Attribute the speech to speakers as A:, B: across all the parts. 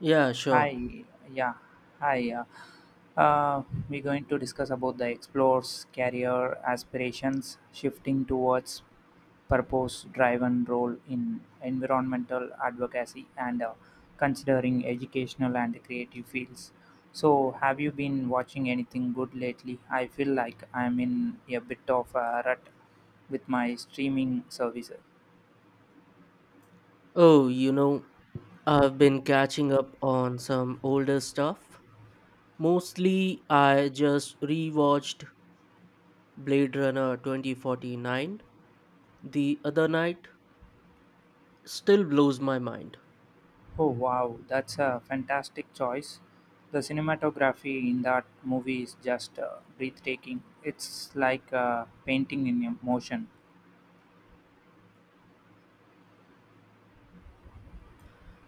A: Yeah,
B: Hi,
A: sure.
B: yeah, hi. Uh, we're going to discuss about the explores, career aspirations, shifting towards purpose-driven role in environmental advocacy, and considering educational and creative fields. So, have you been watching anything good lately? I feel like I'm in a bit of a rut with my streaming services.
A: Oh, you know, I've been catching up on some older stuff. Mostly, I just rewatched Blade Runner 2049 the other night. Still blows my mind.
B: Oh wow, that's a fantastic choice. The cinematography in that movie is just breathtaking. It's like a painting in motion.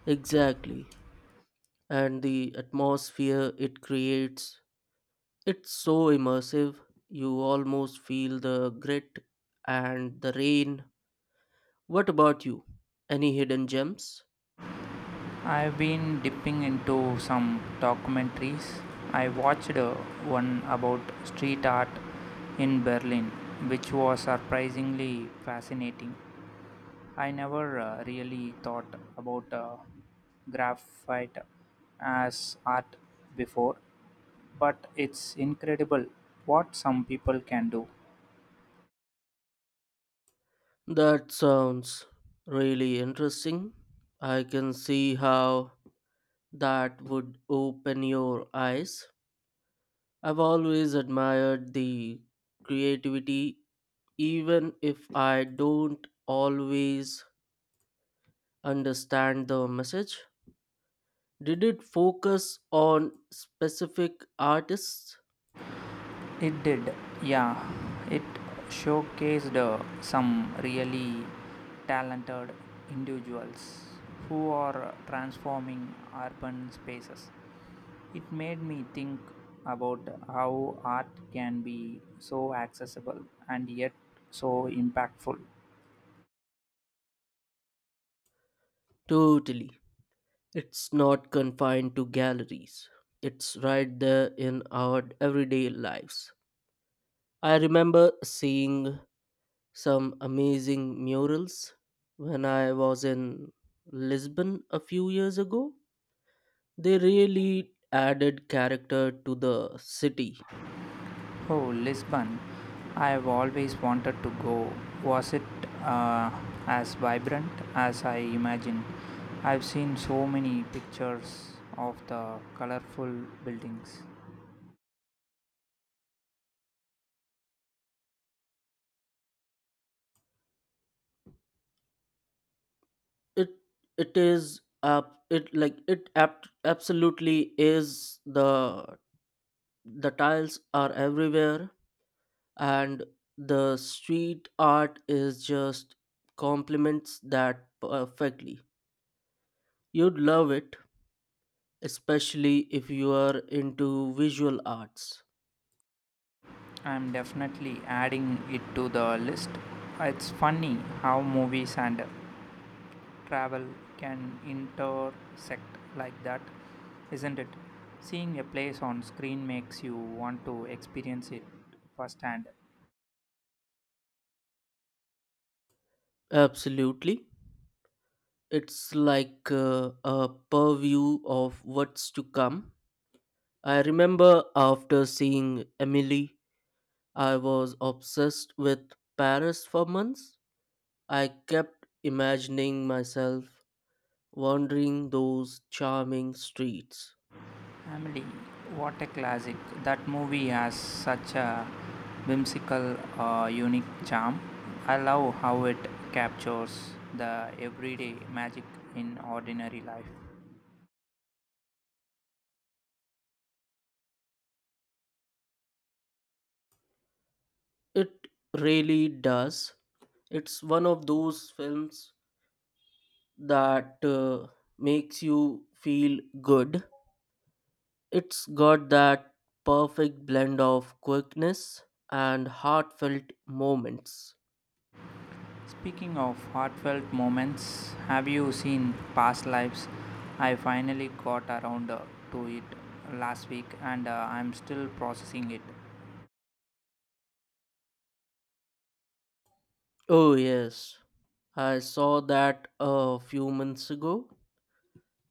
A: Exactly. And the atmosphere it creates, it's so immersive. You almost feel the grit and the rain. What about you? Any hidden gems?
B: I've been dipping into some documentaries. I watched one about street art in Berlin, which was surprisingly fascinating. I never really thought about graphite as art before, but it's incredible what some people can do.
A: That sounds really interesting. I can see how that would open your eyes. I've always admired the creativity, even if I don't always understand the message. Did it focus on specific artists?
B: It did, yeah. It showcased some really talented individuals who are transforming urban spaces. It made me think about how art can be so accessible and yet so impactful.
A: Totally. It's not confined to galleries, it's right there in our everyday lives. I remember seeing some amazing murals. When I was in Lisbon a few years ago, they really added character to the city.
B: Oh, Lisbon. I've always wanted to go. Was it uh, as vibrant as I imagined? I've seen so many pictures of the colorful buildings.
A: It it is up it like absolutely is. The tiles are everywhere, and the street art is just complements that perfectly. You'd love it, especially if you are into visual arts.
B: I'm definitely adding it to the list. It's funny how movies and travel can intersect like that, isn't it? Seeing a place on screen makes you want to experience it firsthand.
A: Absolutely. It's like a purview of what's to come. I remember after seeing Emily, I was obsessed with Paris for months. I kept imagining myself wandering those charming streets.
B: Family, what a classic. That movie has such a whimsical, unique charm. I love how it captures the everyday magic in ordinary life.
A: It really does. It's one of those films that makes you feel good. It's got that perfect blend of quickness and heartfelt moments.
B: Speaking of heartfelt moments, have you seen Past Lives? I finally got around to it last week, and I'm still processing it.
A: Oh, yes, I saw that a few months ago.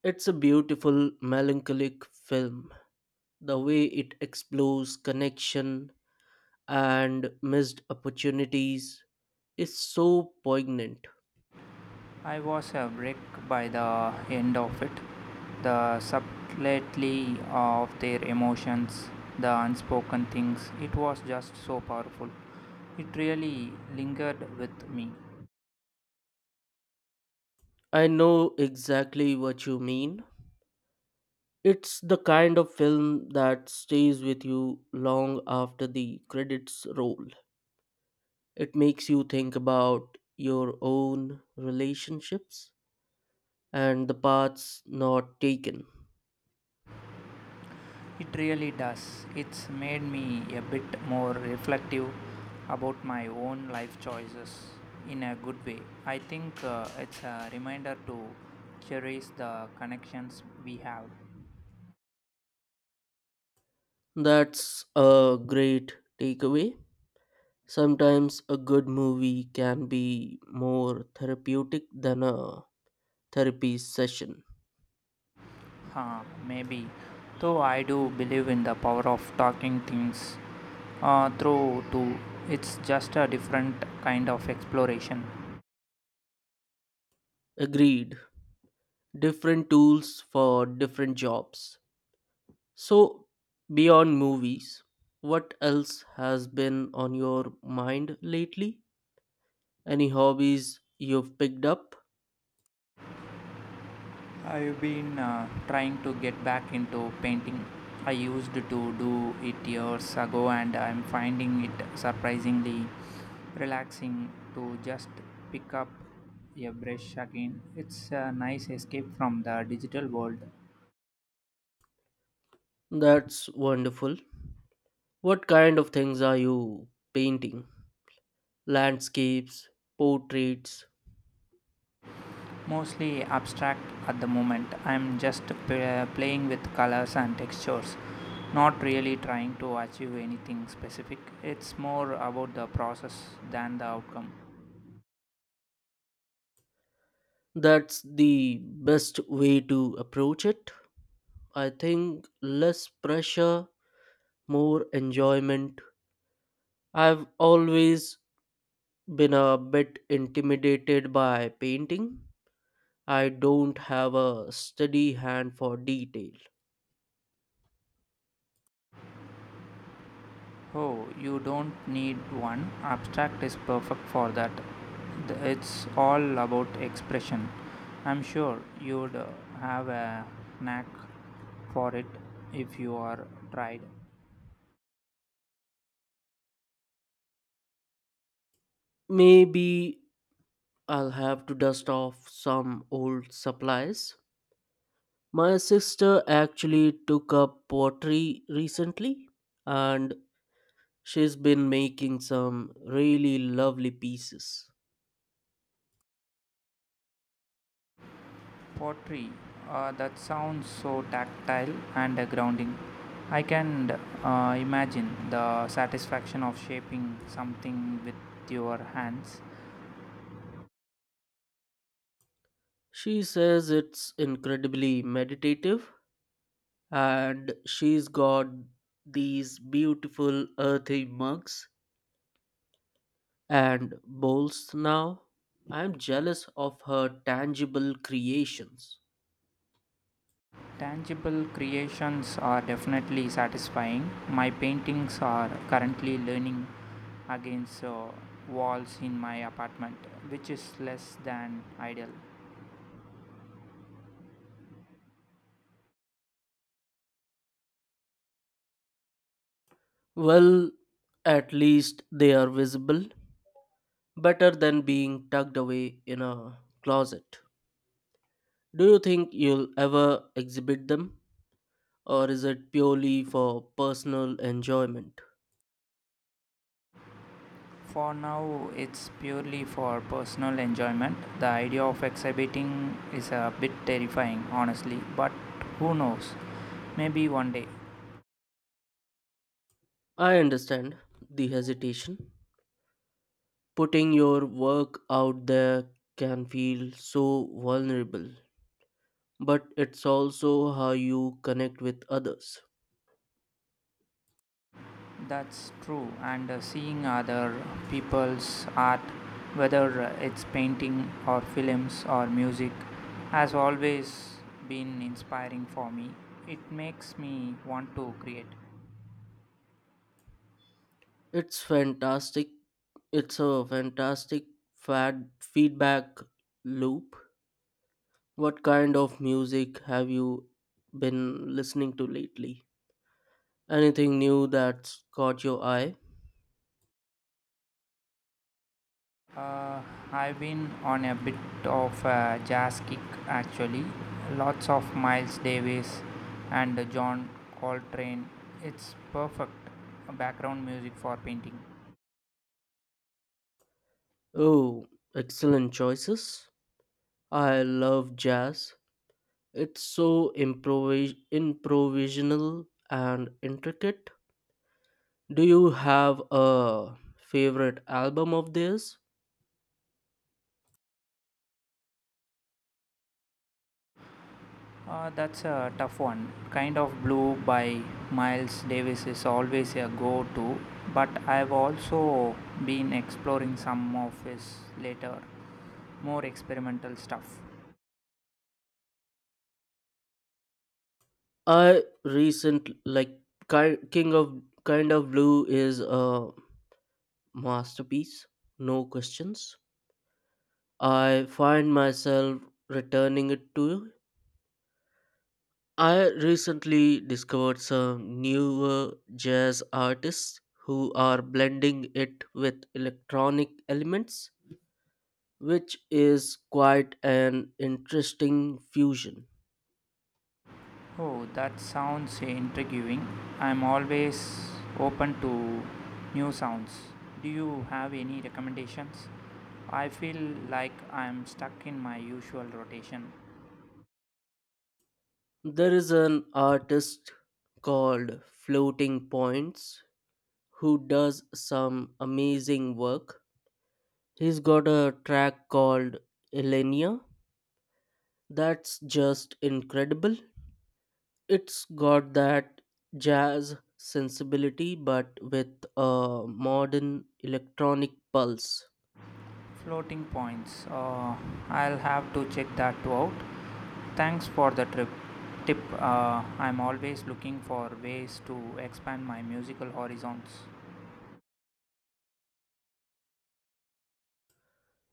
A: It's a beautiful, melancholic film. The way it explores connection and missed opportunities is so poignant.
B: I was a wreck by the end of it. The subtlety of their emotions, the unspoken things, it was just so powerful. It really lingered with me.
A: I know exactly what you mean. It's the kind of film that stays with you long after the credits roll. It makes you think about your own relationships and the paths not taken.
B: It really does. It's made me a bit more reflective about my own life choices in a good way. I think it's a reminder to cherish the connections we have.
A: That's a great takeaway. Sometimes a good movie can be more therapeutic than a therapy session.
B: Huh, maybe. Though I do believe in the power of talking things through too. It's just a different kind of exploration.
A: Agreed. Different tools for different jobs. So, beyond movies, what else has been on your mind lately? Any hobbies you've picked up?
B: I've been trying to get back into painting. I used to do it years ago, and I'm finding it surprisingly relaxing to just pick up a brush again. It's a nice escape from the digital world.
A: That's wonderful. What kind of things are you painting? Landscapes, portraits?
B: Mostly abstract at the moment. I'm just playing with colors and textures, not really trying to achieve anything specific. It's more about the process than the outcome.
A: That's the best way to approach it. I think less pressure, more enjoyment. I've always been a bit intimidated by painting. I don't have a steady hand for detail.
B: Oh, you don't need one. Abstract is perfect for that. It's all about expression. I'm sure you'd have a knack for it if you are tried.
A: Maybe I'll have to dust off some old supplies. My sister actually took up pottery recently, and she's been making some really lovely pieces.
B: Pottery, that sounds so tactile and grounding. I can imagine the satisfaction of shaping something with your hands.
A: She says it's incredibly meditative, and she's got these beautiful earthy mugs and bowls now. I'm jealous of her tangible creations.
B: Tangible creations are definitely satisfying. My paintings are currently leaning against walls in my apartment, which is less than ideal.
A: Well, at least they are visible, better than being tucked away in a closet. Do you think you'll ever exhibit them, or is it purely for personal enjoyment?
B: For now, it's purely for personal enjoyment. The idea of exhibiting is a bit terrifying, honestly, but who knows? Maybe one day.
A: I understand the hesitation. Putting your work out there can feel so vulnerable, but it's also how you connect with others.
B: That's true, and seeing other people's art, whether it's painting or films or music, has always been inspiring for me. It makes me want to create.
A: It's fantastic. It's a fantastic fad feedback loop. What kind of music have you been listening to lately? Anything new that's caught your eye?
B: Uh, I've been on a bit of a jazz kick actually. Lots of Miles Davis and John Coltrane. It's perfect background music for painting.
A: Oh, excellent choices. I love jazz. It's so improvisational and intricate. Do you have a favorite album of theirs?
B: That's a tough one. Kind of Blue by Miles Davis is always a go to, but I've also been exploring some of his later, more experimental stuff.
A: I recent like Ki- King of Kind of Blue is a masterpiece, no questions. I find myself returning it to I recently discovered some newer jazz artists who are blending it with electronic elements, which is quite an interesting fusion.
B: Oh, that sounds intriguing. I'm always open to new sounds. Do you have any recommendations? I feel like I'm stuck in my usual rotation.
A: There is an artist called Floating Points who does some amazing work. He's got a track called Elenia that's just incredible. It's got that jazz sensibility, but with a modern electronic pulse.
B: Floating points. I'll have to check that out. Thanks for the trip. Tip. I'm always looking for ways to expand my musical horizons.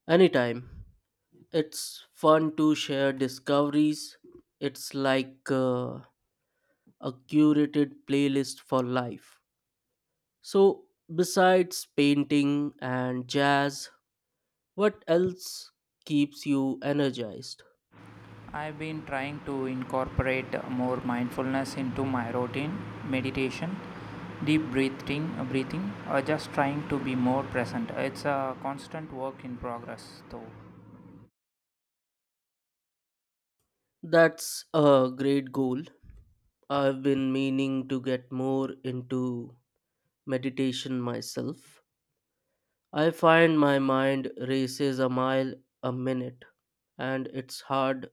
A: Anytime. It's fun to share discoveries. It's like a curated playlist for life. So, besides painting and jazz, what else keeps you energized?
B: I've been trying to incorporate more mindfulness into my routine, meditation, deep breathing, or just trying to be more present. It's a constant work in progress, though.
A: That's a great goal. I've been meaning to get more into meditation myself. I find my mind races a mile a minute, and it's hard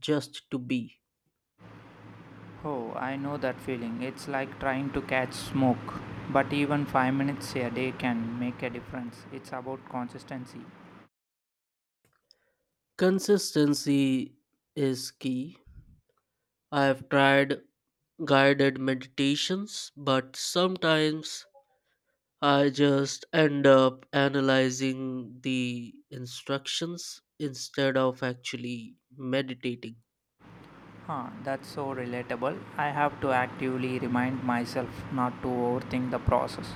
A: just to be.
B: Oh, I know that feeling. It's like trying to catch smoke, but even 5 minutes a day can make a difference. It's about consistency.
A: Consistency is key. I have tried guided meditations, but sometimes I just end up analyzing the instructions instead of actually meditating.
B: Huh, that's so relatable. I have to actively remind myself not to overthink the process.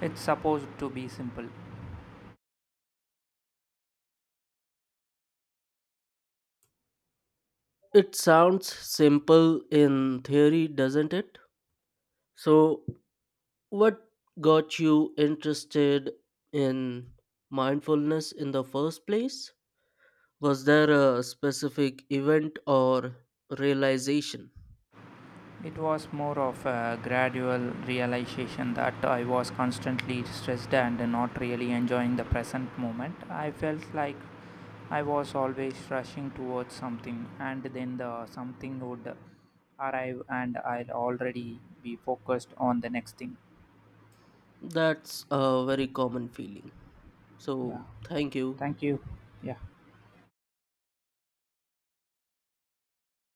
B: It's supposed to be simple.
A: It sounds simple in theory, doesn't it? So, what got you interested in mindfulness in the first place? Was there a specific event or realization?
B: It was more of a gradual realization that I was constantly stressed and not really enjoying the present moment. I felt like I was always rushing towards something, and then the something would arrive, and I'd already be focused on the next thing.
A: That's a very common feeling.
B: Yeah,
A: So, thank you.
B: thank you. Yeah.